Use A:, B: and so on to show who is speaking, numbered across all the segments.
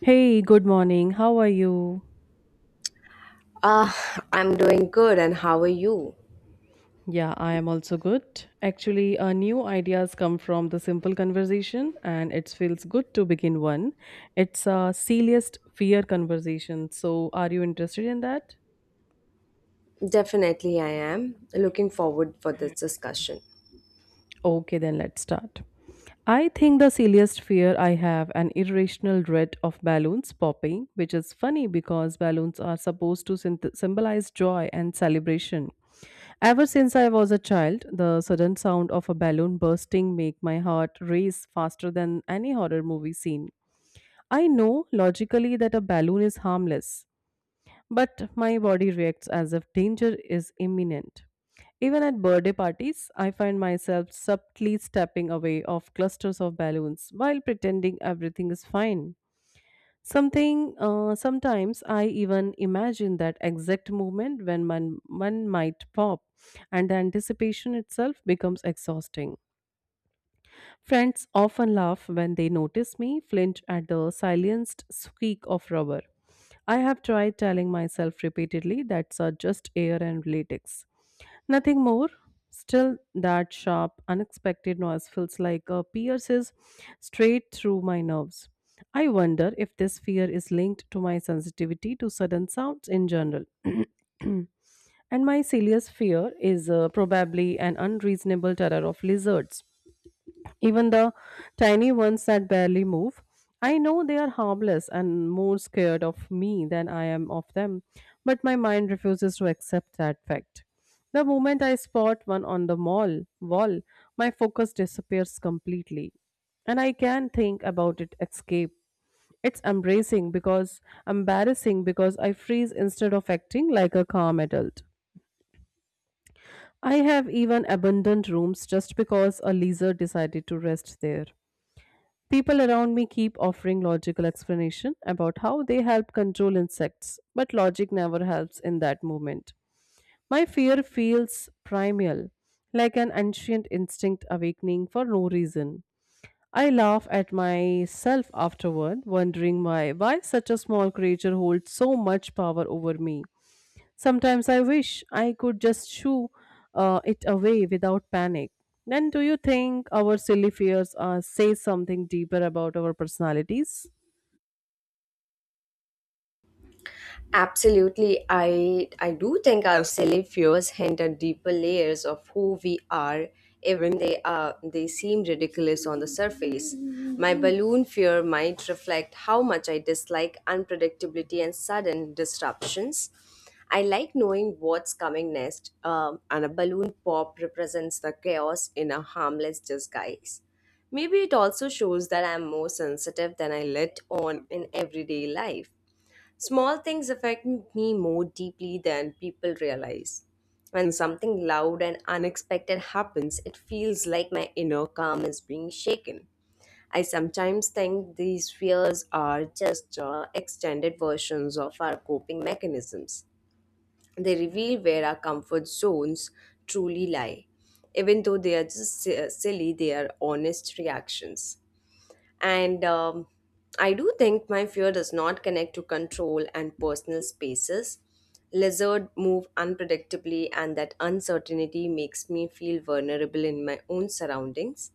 A: Hey, good morning. How are you?
B: Uh, I'm doing good, and how are you?
A: Yeah, I am also good. Actually, new ideas come from the simple conversation, and it feels good to begin one. It's a silliest fear conversation. So, are you interested in that?
B: Definitely, I am. Looking forward for this discussion.
A: Okay, then let's start. I think the silliest fear I have an irrational dread of balloons popping, which is funny because balloons are supposed to symbolize joy and celebration. Ever since I was a child, the sudden sound of a balloon bursting make my heart race faster than any horror movie scene. I know logically that a balloon is harmless, but my body reacts as if danger is imminent. Even at birthday parties, I find myself subtly stepping away of clusters of balloons while pretending everything is fine. Something Sometimes I even imagine that exact moment when one might pop, and the anticipation itself becomes exhausting. Friends often laugh when they notice me flinch at the silenced squeak of rubber. I have tried telling myself repeatedly that's just air and latex. Nothing more. Still, that sharp, unexpected noise feels like a pierces straight through my nerves. I wonder if this fear is linked to my sensitivity to sudden sounds in general. And my serious fear is probably an unreasonable terror of lizards, even the tiny ones that barely move. I know they are harmless and more scared of me than I am of them, but my mind refuses to accept that fact. The moment I spot one on the mall wall, my focus disappears completely, and I can think about it escape. It's embracing because embarrassing because I freeze instead of acting like a calm adult. I have even abandoned rooms just because a lizard decided to rest there. People around me keep offering logical explanation about how they help control insects, but logic never helps in that moment. My fear feels primal, like an ancient instinct awakening for no reason. I laugh at myself afterward, wondering why such a small creature holds so much power over me. Sometimes I wish I could just shoo it away without panic. Then, do you think our silly fears say something deeper about our personalities?
B: Absolutely, I do think our silly fears hint at deeper layers of who we are, even they seem ridiculous on the surface. My balloon fear might reflect how much I dislike unpredictability and sudden disruptions. I like knowing what's coming next, and a balloon pop represents the chaos in a harmless disguise. Maybe it also shows that I'm more sensitive than I let on in everyday life. Small things affect me more deeply than people realize. When something loud and unexpected happens, it feels like my inner calm is being shaken. I sometimes think these fears are just extended versions of our coping mechanisms. They reveal where our comfort zones truly lie. Even though they are just silly, they are honest reactions. And I do think my fear does not connect to control and personal spaces. Lizards move unpredictably, and that uncertainty makes me feel vulnerable in my own surroundings.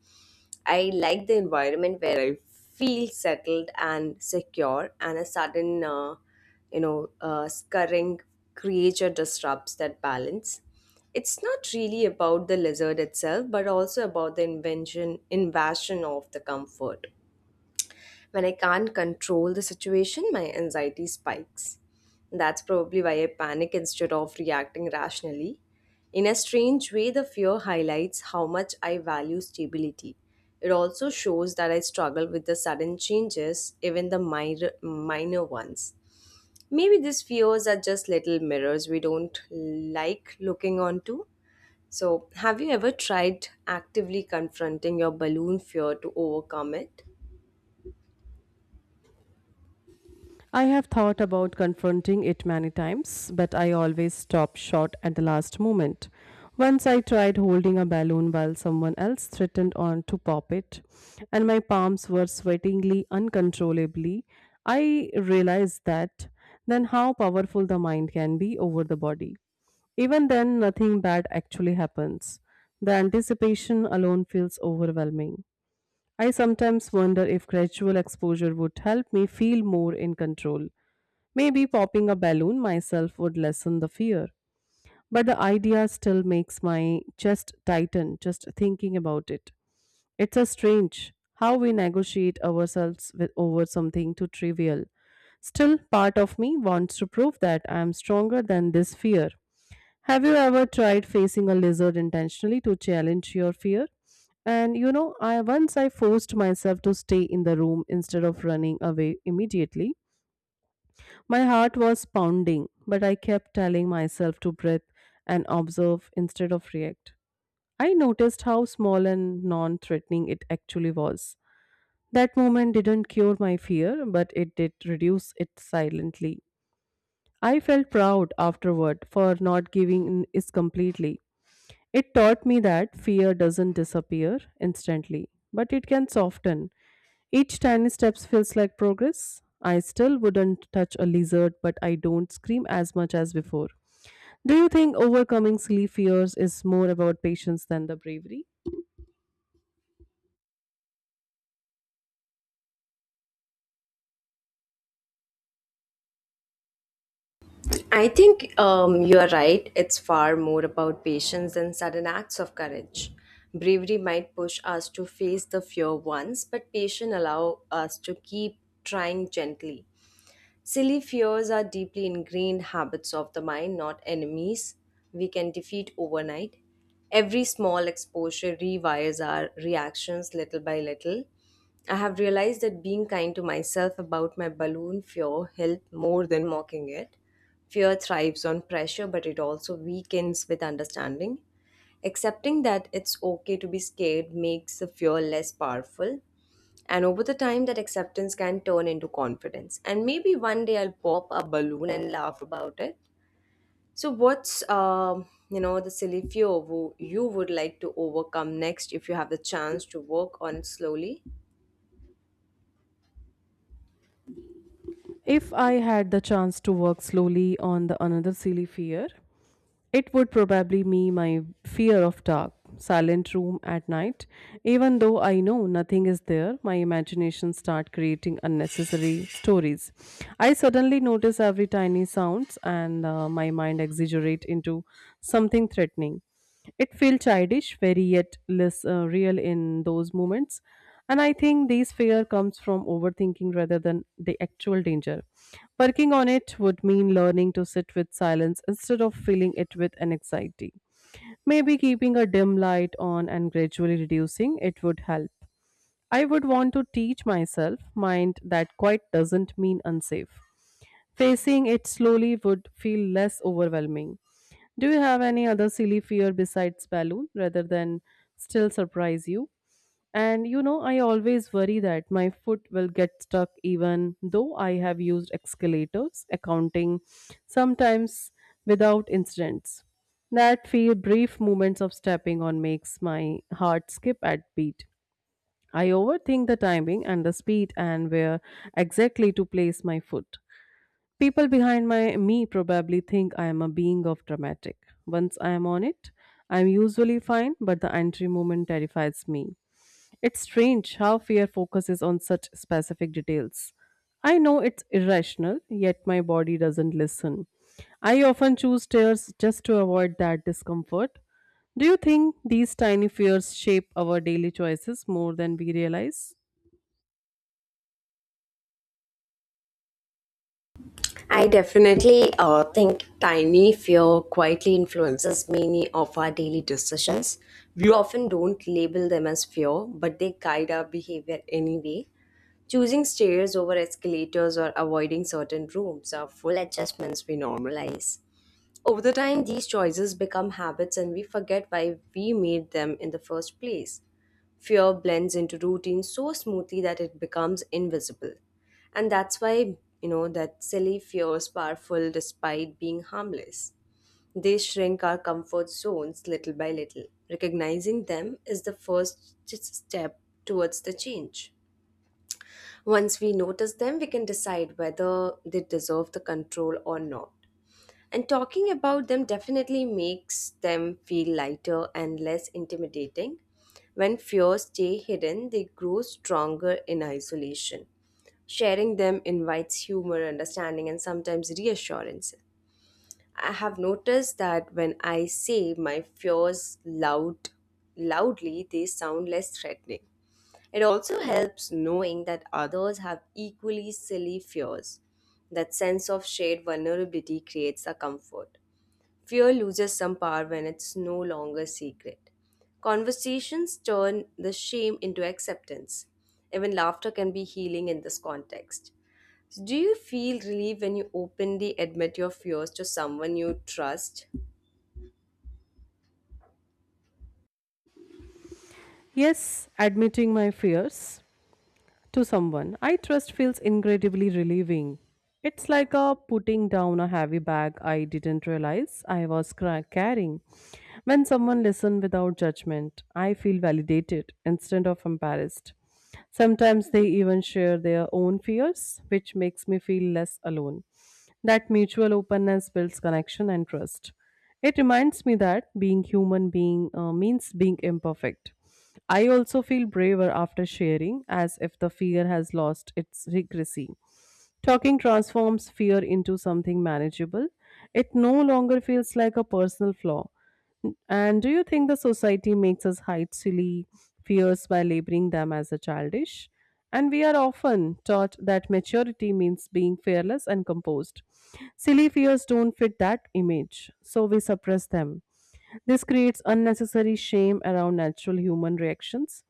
B: I like the environment where I feel settled and secure, and a sudden, scurrying creature disrupts that balance. It's not really about the lizard itself, but also about the invasion of the comfort. When I can't control the situation, my anxiety spikes. That's probably why I panic instead of reacting rationally. In a strange way, the fear highlights how much I value stability. It also shows that I struggle with the sudden changes, even the minor ones. Maybe these fears are just little mirrors we don't like looking onto. So, have you ever tried actively confronting your balloon fear to overcome it?
A: I have thought about confronting it many times, but I always stop short at the last moment. Once I tried holding a balloon while someone else threatened on to pop it, and my palms were sweatingly uncontrollably. I realized that then how powerful the mind can be over the body. Even then, nothing bad actually happens. The anticipation alone feels overwhelming. I sometimes wonder if gradual exposure would help me feel more in control. Maybe popping a balloon myself would lessen the fear. But the idea still makes my chest tighten just thinking about it. It's a strange how we negotiate ourselves with over something too trivial. Still, part of me wants to prove that I am stronger than this fear. Have you ever tried facing a lizard intentionally to challenge your fear? And you know, I once I forced myself to stay in the room instead of running away immediately. My heart was pounding, but I kept telling myself to breathe and observe instead of react. I noticed how small and non-threatening it actually was. That moment didn't cure my fear, but it did reduce it silently. I felt proud afterward for not giving in is completely. It taught me that fear doesn't disappear instantly, but it can soften. Each tiny step feels like progress. I still wouldn't touch a lizard, but I don't scream as much as before. Do you think overcoming silly fears is more about patience than the bravery?
B: I think you're right. It's far more about patience than sudden acts of courage. Bravery might push us to face the fear once, but patience allow us to keep trying gently. Silly fears are deeply ingrained habits of the mind, not enemies we can defeat overnight. Every small exposure rewires our reactions little by little. I have realized that being kind to myself about my balloon fear helped more than mocking it. Fear thrives on pressure, but it also weakens with understanding. Accepting that it's okay to be scared makes the fear less powerful. And over the time, that acceptance can turn into confidence. And maybe one day I'll pop a balloon and laugh about it. So, what's the silly fear you would like to overcome next if you have the chance to work on it slowly?
A: If I had the chance to work slowly on the another silly fear, it would probably be my fear of dark, silent room at night. Even though I know nothing is there, my imagination starts creating unnecessary stories. I suddenly notice every tiny sounds and my mind exaggerate into something threatening. It feels childish, very yet less real in those moments. And I think this fear comes from overthinking rather than the actual danger. Working on it would mean learning to sit with silence instead of filling it with an anxiety. Maybe keeping a dim light on and gradually reducing it would help. I would want to teach myself mind that quite doesn't mean unsafe. Facing it slowly would feel less overwhelming. Do you have any other silly fear besides balloon rather than still surprise you? And you know, I always worry that my foot will get stuck even though I have used escalators, accounting, sometimes without incidents. That few brief moments of stepping on makes my heart skip at beat. I overthink the timing and the speed and where exactly to place my foot. People behind my me probably think I am a being of dramatic. Once I am on it, I am usually fine, but the entry moment terrifies me. It's strange how fear focuses on such specific details. I know it's irrational, yet my body doesn't listen. I often choose stairs just to avoid that discomfort. Do you think these tiny fears shape our daily choices more than we realize?
B: I definitely think tiny fear quietly influences many of our daily decisions. We often don't label them as fear, but they guide our behavior anyway. Choosing stairs over escalators or avoiding certain rooms are full adjustments we normalize. Over the time, these choices become habits and we forget why we made them in the first place. Fear blends into routine so smoothly that it becomes invisible. And that's why, that silly fears powerful despite being harmless. They shrink our comfort zones little by little. Recognizing them is the first step towards the change. Once we notice them, we can decide whether they deserve the control or not, and talking about them definitely makes them feel lighter and less intimidating. When fears stay hidden, they grow stronger in isolation. Sharing them invites humor, understanding, and sometimes reassurance. I have noticed that when I say my fears loudly, they sound less threatening. It also helps knowing that others have equally silly fears. That sense of shared vulnerability creates a comfort. Fear loses some power when it's no longer secret. Conversations turn the shame into acceptance. Even laughter can be healing in this context. So, do you feel relief when you openly admit your fears to someone you trust?
A: Yes, admitting my fears to someone I trust feels incredibly relieving. It's like a putting down a heavy bag I didn't realize I was carrying. When someone listens without judgment, I feel validated instead of embarrassed. Sometimes they even share their own fears, which makes me feel less alone. That mutual openness builds connection and trust. It reminds me that being human being means being imperfect. I also feel braver after sharing, as if the fear has lost its secrecy. Talking transforms fear into something manageable. It no longer feels like a personal flaw. And do you think the society makes us hide silly fears by labeling them as a childish? And we are often taught that maturity means being fearless and composed. Silly fears don't fit that image, so we suppress them. This creates unnecessary shame around natural human reactions.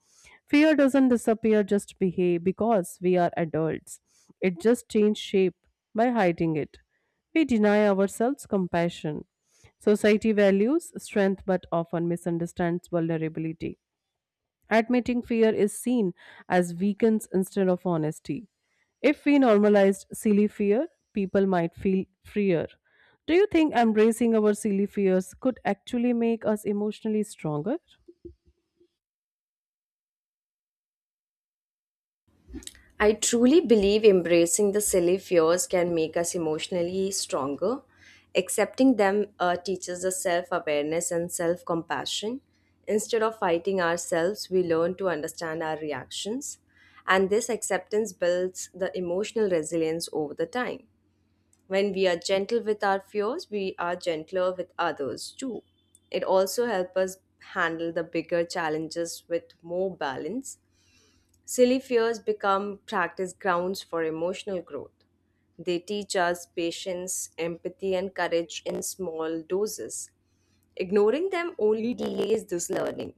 A: Fear doesn't disappear just behave because we are adults. It just changes shape by hiding it. We deny ourselves compassion. Society values strength but often misunderstands vulnerability. Admitting fear is seen as weakness instead of honesty. If we normalized silly fear, people might feel freer. Do you think embracing our silly fears could actually make us emotionally stronger?
B: I truly believe embracing the silly fears can make us emotionally stronger. Accepting them teaches us self awareness and self compassion. Instead of fighting ourselves, we learn to understand our reactions. And this acceptance builds the emotional resilience over the time. When we are gentle with our fears, we are gentler with others too. It also helps us handle the bigger challenges with more balance. Silly fears become practice grounds for emotional growth. They teach us patience, empathy, and courage in small doses. Ignoring them only delays this learning.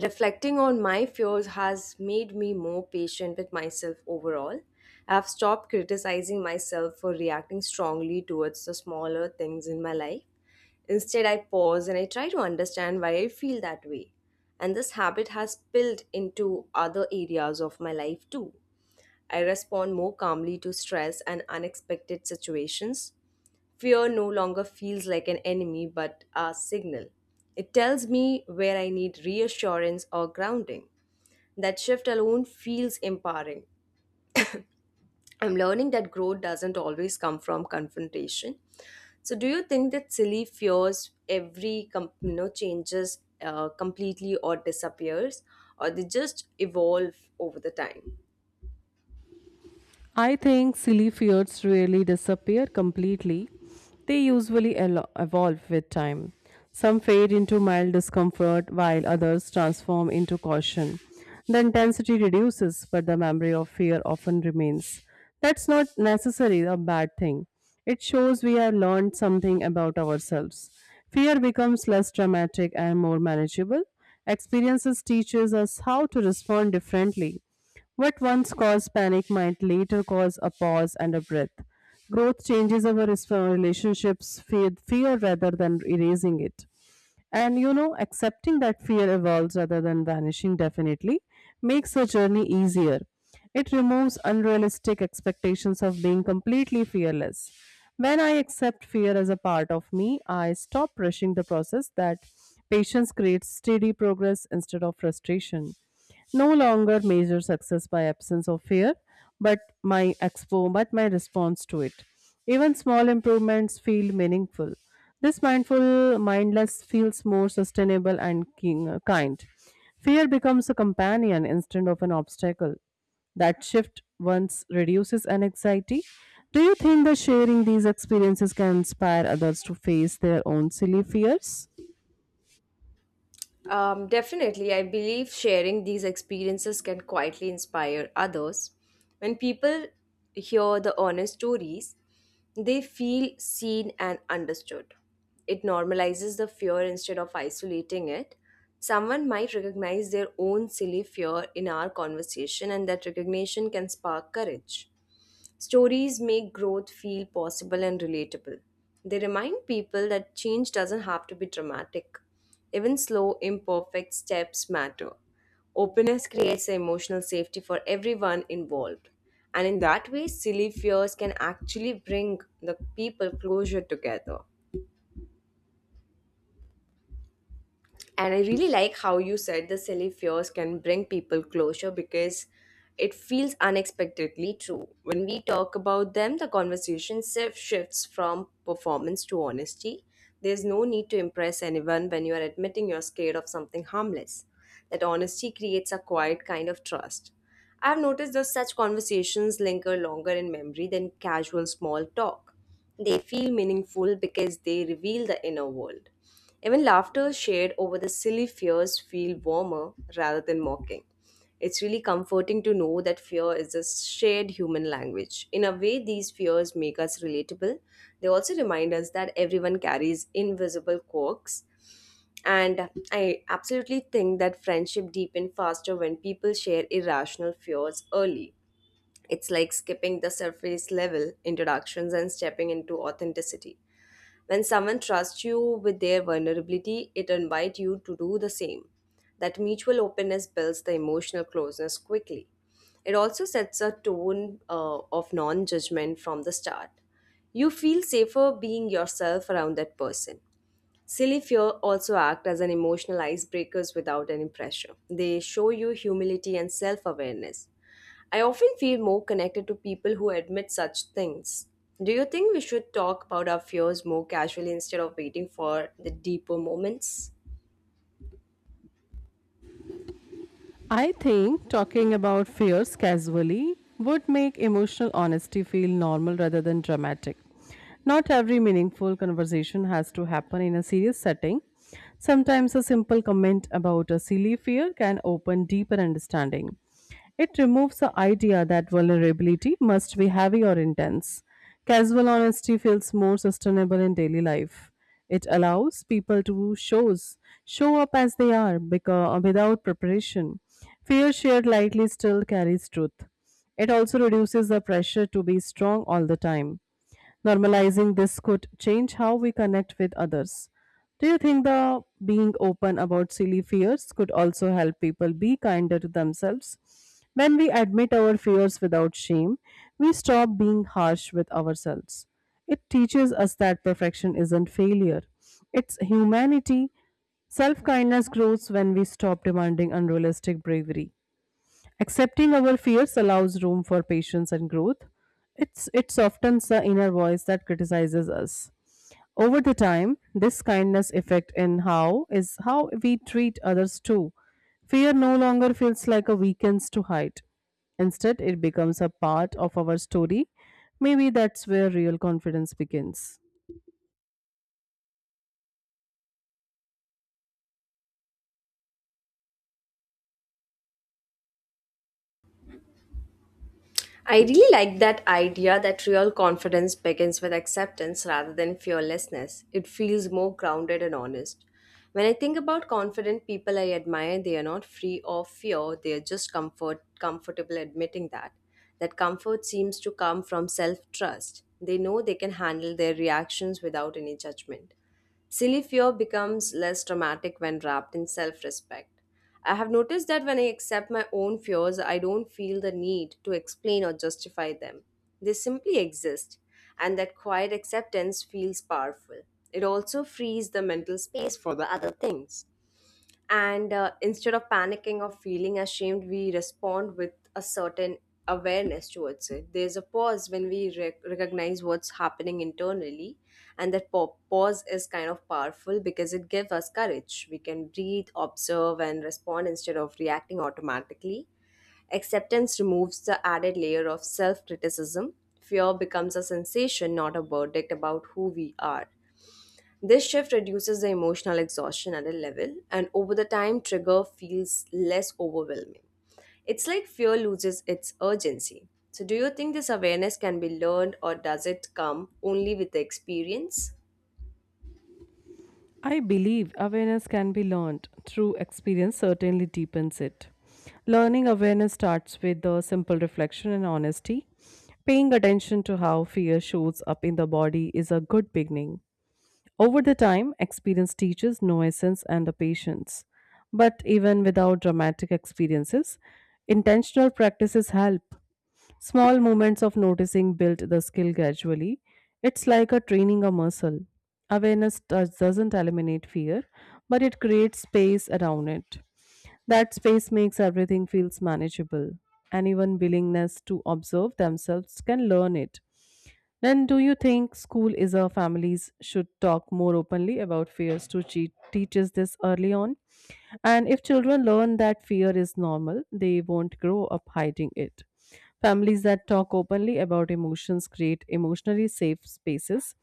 B: Reflecting on my fears has made me more patient with myself overall. I've stopped criticizing myself for reacting strongly towards the smaller things in my life. Instead, I pause and I try to understand why I feel that way. And this habit has spilled into other areas of my life too. I respond more calmly to stress and unexpected situations. Fear no longer feels like an enemy but a signal. It tells me where I need reassurance or grounding. That shift alone feels empowering. I'm learning that growth doesn't always come from confrontation. So, do you think that silly fears every changes completely or disappears, or they just evolve over the time?
A: I think silly fears really disappear completely. They usually evolve with time. Some fade into mild discomfort while others transform into caution. The intensity reduces, but the memory of fear often remains. That's not necessarily a bad thing. It shows we have learned something about ourselves. Fear becomes less dramatic and more manageable. Experiences teaches us how to respond differently. What once caused panic might later cause a pause and a breath. Growth changes our relationships with fear rather than erasing it. And you know, accepting that fear evolves rather than vanishing definitely makes the journey easier. It removes unrealistic expectations of being completely fearless. When I accept fear as a part of me, I stop rushing the process that patience creates steady progress instead of frustration no longer measure success by absence of fear but my response to it even small improvements feel meaningful this mindful mindless feels more sustainable and kind fear becomes a companion instead of an obstacle that shift once reduces an anxiety do you think that sharing these experiences can inspire others to face their own silly fears?
B: Definitely, I believe sharing these experiences can quietly inspire others. When people hear the honest stories, they feel seen and understood. It normalizes the fear instead of isolating it. Someone might recognize their own silly fear in our conversation, and that recognition can spark courage. Stories make growth feel possible and relatable. They remind people that change doesn't have to be dramatic. Even slow, imperfect steps matter. Openness creates emotional safety for everyone involved. And in that way, silly fears can actually bring the people closer together. And I really like how you said the silly fears can bring people closure because it feels unexpectedly true. When we talk about them, the conversation shifts from performance to honesty. There's no need to impress anyone when you are admitting you're scared of something harmless. That honesty creates a quiet kind of trust. I've noticed that such conversations linger longer in memory than casual small talk. They feel meaningful because they reveal the inner world. Even laughter shared over the silly fears feel warmer rather than mocking. It's really comforting to know that fear is a shared human language. In a way, these fears make us relatable. They also remind us that everyone carries invisible quirks. And I absolutely think that friendship deepens faster when people share irrational fears early. It's like skipping the surface level introductions and stepping into authenticity. When someone trusts you with their vulnerability, it invites you to do the same. That mutual openness builds the emotional closeness quickly. It also sets a tone of non judgment from the start. You feel safer being yourself around that person. Silly fear also act as an emotional icebreakers without any pressure. They show you humility and self awareness. I often feel more connected to people who admit such things. Do you think we should talk about our fears more casually instead of waiting for the deeper moments?
A: I think talking about fears casually would make emotional honesty feel normal rather than dramatic. Not every meaningful conversation has to happen in a serious setting. Sometimes a simple comment about a silly fear can open deeper understanding. It removes the idea that vulnerability must be heavy or intense. Casual honesty feels more sustainable in daily life. It allows people to show up as they are because, without preparation. Fear shared lightly still carries truth. It also reduces the pressure to be strong all the time. Normalizing this could change how we connect with others. Do you think the being open about silly fears could also help people be kinder to themselves? When we admit our fears without shame, we stop being harsh with ourselves. It teaches us that perfection isn't failure, it's humanity. Self kindness grows when we stop demanding unrealistic bravery. Accepting our fears allows room for patience and growth. It softens the inner voice that criticizes us. Over the time, this kindness effect in how we treat others too. Fear no longer feels like a weakness to hide. Instead, it becomes a part of our story. Maybe that's where real confidence begins.
B: I really like that idea that real confidence begins with acceptance rather than fearlessness. It feels more grounded and honest. When I think about confident people I admire, they are not free of fear, they are just comfortable admitting that. That comfort seems to come from self-trust. They know they can handle their reactions without any judgment. Silly fear becomes less dramatic when wrapped in self respect. I have noticed that when I accept my own fears, I don't feel the need to explain or justify them. They simply exist, and that quiet acceptance feels powerful. It also frees the mental space for the other things. And instead of panicking or feeling ashamed, we respond with a certain awareness towards it. There's a pause when we recognize what's happening internally, and that pause is kind of powerful because it gives us courage. We can breathe, observe, and respond instead of reacting automatically. Acceptance removes the added layer of self-criticism. Fear becomes a sensation, not a verdict about who we are. This shift reduces the emotional exhaustion at a level, and over the time, trigger feels less overwhelming. It's like fear loses its urgency. So, do you think this awareness can be learned, or does it come only with the experience?
A: I believe awareness can be learned. Through experience certainly deepens it. Learning awareness starts with the simple reflection and honesty. Paying attention to how fear shows up in the body is a good beginning. Over the time, experience teaches nuisance and the patience. But even without dramatic experiences, intentional practices help. Small moments of noticing build the skill gradually. It's like a training a muscle. Awareness doesn't eliminate fear, but it creates space around it. That space makes everything feels manageable. Anyone willingness to observe themselves can learn it. Then, do you think school is a families should talk more openly about fears to cheat teaches this early on? And if children learn that fear is normal, they won't grow up hiding it. Families that talk openly about emotions create emotionally safe spaces.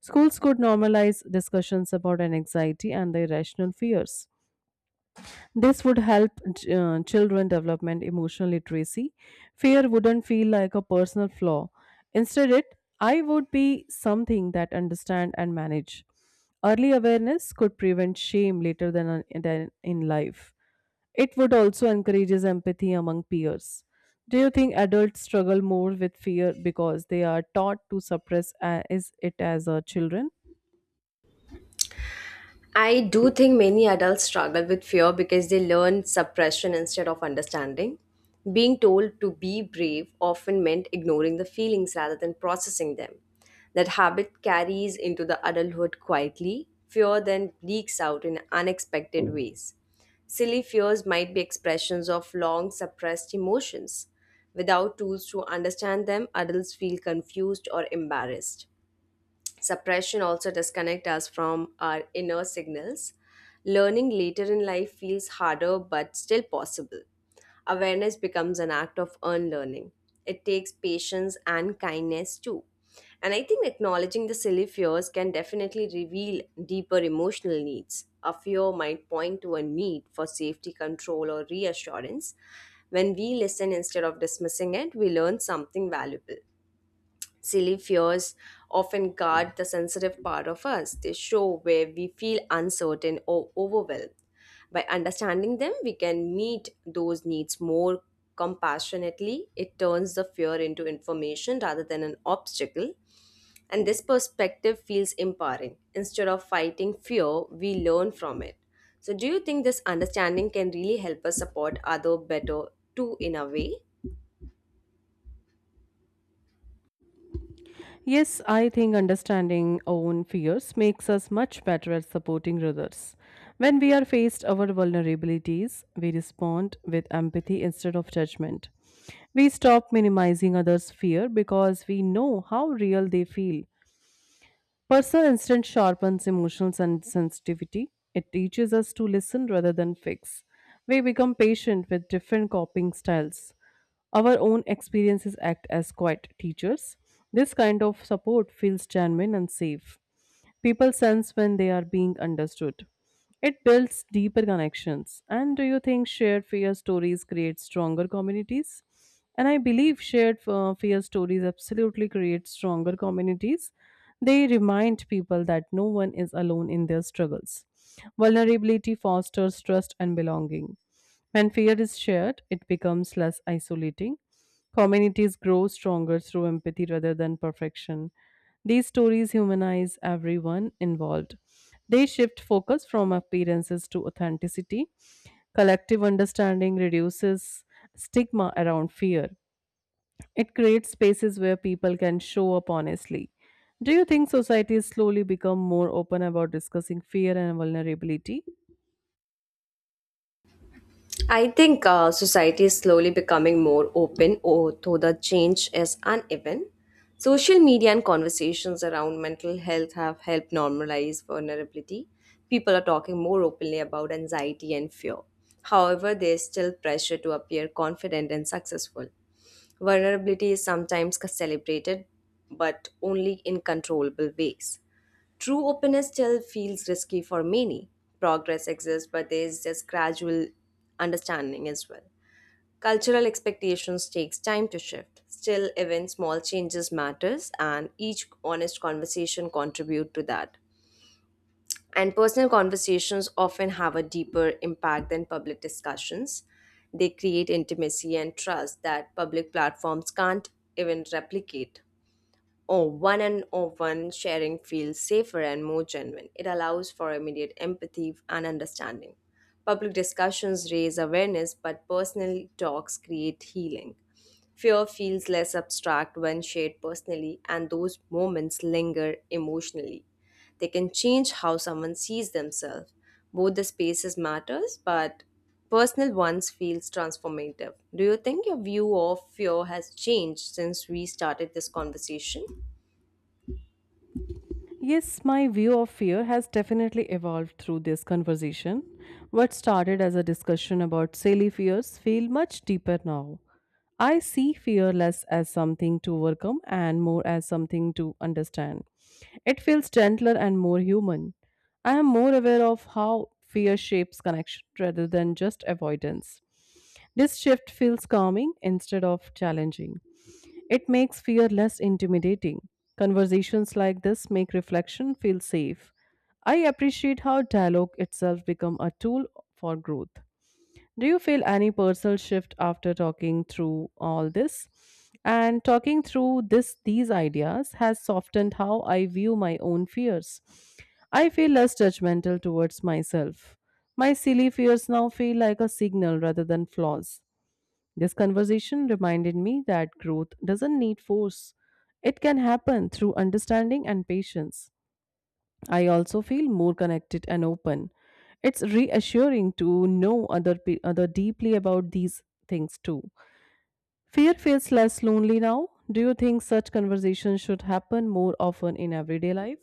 A: Schools could normalize discussions about anxiety and the irrational fears. This would help children development emotional literacy. Fear wouldn't feel like a personal flaw. Instead, it I would be something that understand and manage. Early awareness could prevent shame later than in life. It would also encourages empathy among peers. Do you think adults struggle more with fear because they are taught to suppress is it as children?
B: I do think many adults struggle with fear because they learn suppression instead of understanding. Being told to be brave often meant ignoring the feelings rather than processing them. That habit carries into the adulthood quietly. Fear then leaks out in unexpected ways. Silly fears might be expressions of long suppressed emotions. Without tools to understand them, adults feel confused or embarrassed. Suppression also disconnects us from our inner signals. Learning later in life feels harder but still possible. Awareness becomes an act of unlearning. It takes patience and kindness too. And I think acknowledging the silly fears can definitely reveal deeper emotional needs. A fear might point to a need for safety control or reassurance. When we listen instead of dismissing it, we learn something valuable. Silly fears often guard the sensitive part of us. They show where we feel uncertain or overwhelmed. By understanding them, we can meet those needs more compassionately. It turns the fear into information rather than an obstacle. And this perspective feels empowering. Instead of fighting fear, we learn from it. So, do you think this understanding can really help us support other better too in a way?
A: Yes, I think understanding own fears makes us much better at supporting others. When we are faced our vulnerabilities, we respond with empathy instead of judgment. We stop minimizing others' fear because we know how real they feel. Personal instinct sharpens emotional sensitivity. It teaches us to listen rather than fix. We become patient with different coping styles. Our own experiences act as quiet teachers. This kind of support feels genuine and safe. People sense when they are being understood. It builds deeper connections. And do you think shared fear stories create stronger communities? And I believe shared fear stories absolutely create stronger communities. They remind people that no one is alone in their struggles. Vulnerability fosters trust and belonging. When fear is shared, it becomes less isolating. Communities grow stronger through empathy rather than perfection. These stories humanize everyone involved. They shift focus from appearances to authenticity. Collective understanding reduces stigma around fear. It creates spaces where people can show up honestly. Do you think societies slowly become more open about discussing fear and vulnerability?
B: I think society is slowly becoming more open, although the change is uneven. Social media and conversations around mental health have helped normalize vulnerability. People are talking more openly about anxiety and fear. However, there is still pressure to appear confident and successful. Vulnerability is sometimes celebrated, but only in controllable ways. True openness still feels risky for many. Progress exists, but there is just gradual understanding as well. Cultural expectations takes time to shift. Still, even small changes matters, and each honest conversation contribute to that. And personal conversations often have a deeper impact than public discussions. They create intimacy and trust that public platforms can't even replicate or one and or one sharing feels safer and more genuine. It allows for immediate empathy and understanding. Public discussions raise awareness, but personal talks create healing. Fear feels less abstract when shared personally, and those moments linger emotionally. They can change how someone sees themselves. Both the spaces matters, but personal ones feels transformative. Do you think your view of fear has changed since we started this conversation?
A: Yes, my view of fear has definitely evolved through this conversation. What started as a discussion about silly fears feel much deeper now. I see fear less as something to overcome and more as something to understand. It feels gentler and more human. I am more aware of how fear shapes connection rather than just avoidance. This shift feels calming instead of challenging. It makes fear less intimidating. Conversations like this make reflection feel safe. I appreciate how dialogue itself become a tool for growth. Do you feel any personal shift after talking through all this? And talking through this these ideas has softened how I view my own fears. I feel less judgmental towards myself. My silly fears now feel like a signal rather than flaws. This conversation reminded me that growth doesn't need force. It can happen through understanding and patience. I also feel more connected and open. It's reassuring to know other deeply about these things too. Fear feels less lonely now. Do you think such conversations should happen more often in everyday life?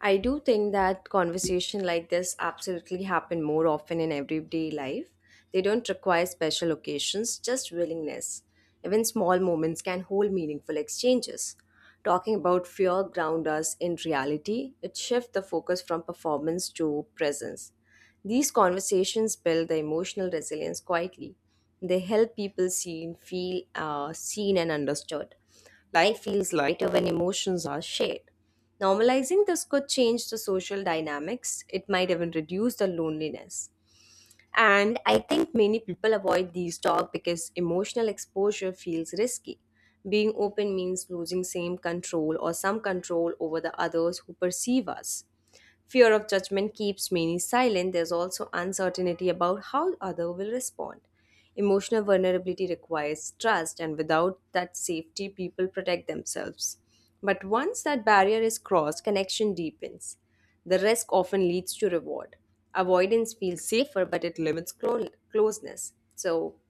B: I do think that conversation like this absolutely happen more often in everyday life. They don't require special occasions, just willingness. Even small moments can hold meaningful exchanges. Talking about fear ground us in reality. It shifts the focus from performance to presence. These conversations build the emotional resilience quietly. They help people feel seen and understood. Life feels lighter when emotions are shared. Normalizing this could change the social dynamics. It might even reduce the loneliness. And I think many people avoid these talks because emotional exposure feels risky. Being open means losing same control or some control over the others who perceive us. Fear of judgment keeps many silent. There's also uncertainty about how other will respond. Emotional vulnerability requires trust, and without that safety, people protect themselves. But once that barrier is crossed, connection deepens. The risk often leads to reward. Avoidance feels safer, but it limits closeness. So,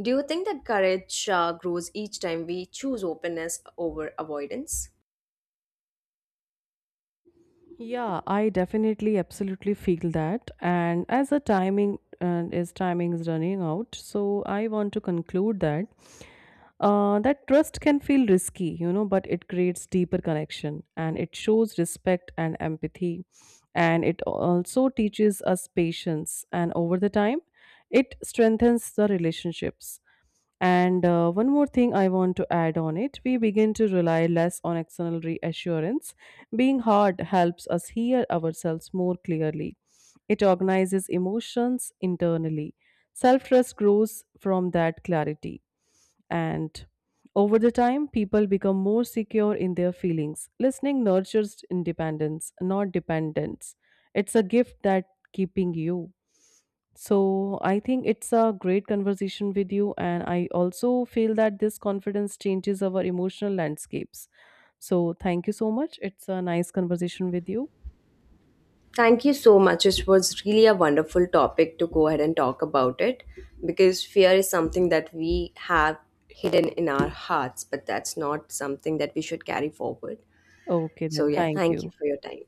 B: do you think that courage grows each time we choose openness over avoidance?
A: Yeah, I definitely absolutely feel that. And as the timing is running out, so I want to conclude that. That trust can feel risky, you know, but it creates deeper connection and it shows respect and empathy. And it also teaches us patience. And over the time, it strengthens the relationships. And one more thing I want to add on it, we begin to rely less on external reassurance. Being hard helps us hear ourselves more clearly, it organizes emotions internally. Self trust grows from that clarity, and over the time people become more secure in their feelings. Listening nurtures independence, not dependence. It's a gift that keeping you. So I think it's a great conversation with you, and I also feel that this confidence changes our emotional landscapes. So thank you so much, it's a nice conversation with you.
B: Thank you so much. It was really a wonderful topic to go ahead and talk about it because fear is something that we have hidden in our hearts, but that's not something that we should carry forward.
A: Okay,
B: So,
A: then
B: yeah,
A: thank
B: thank you
A: you.
B: for your time.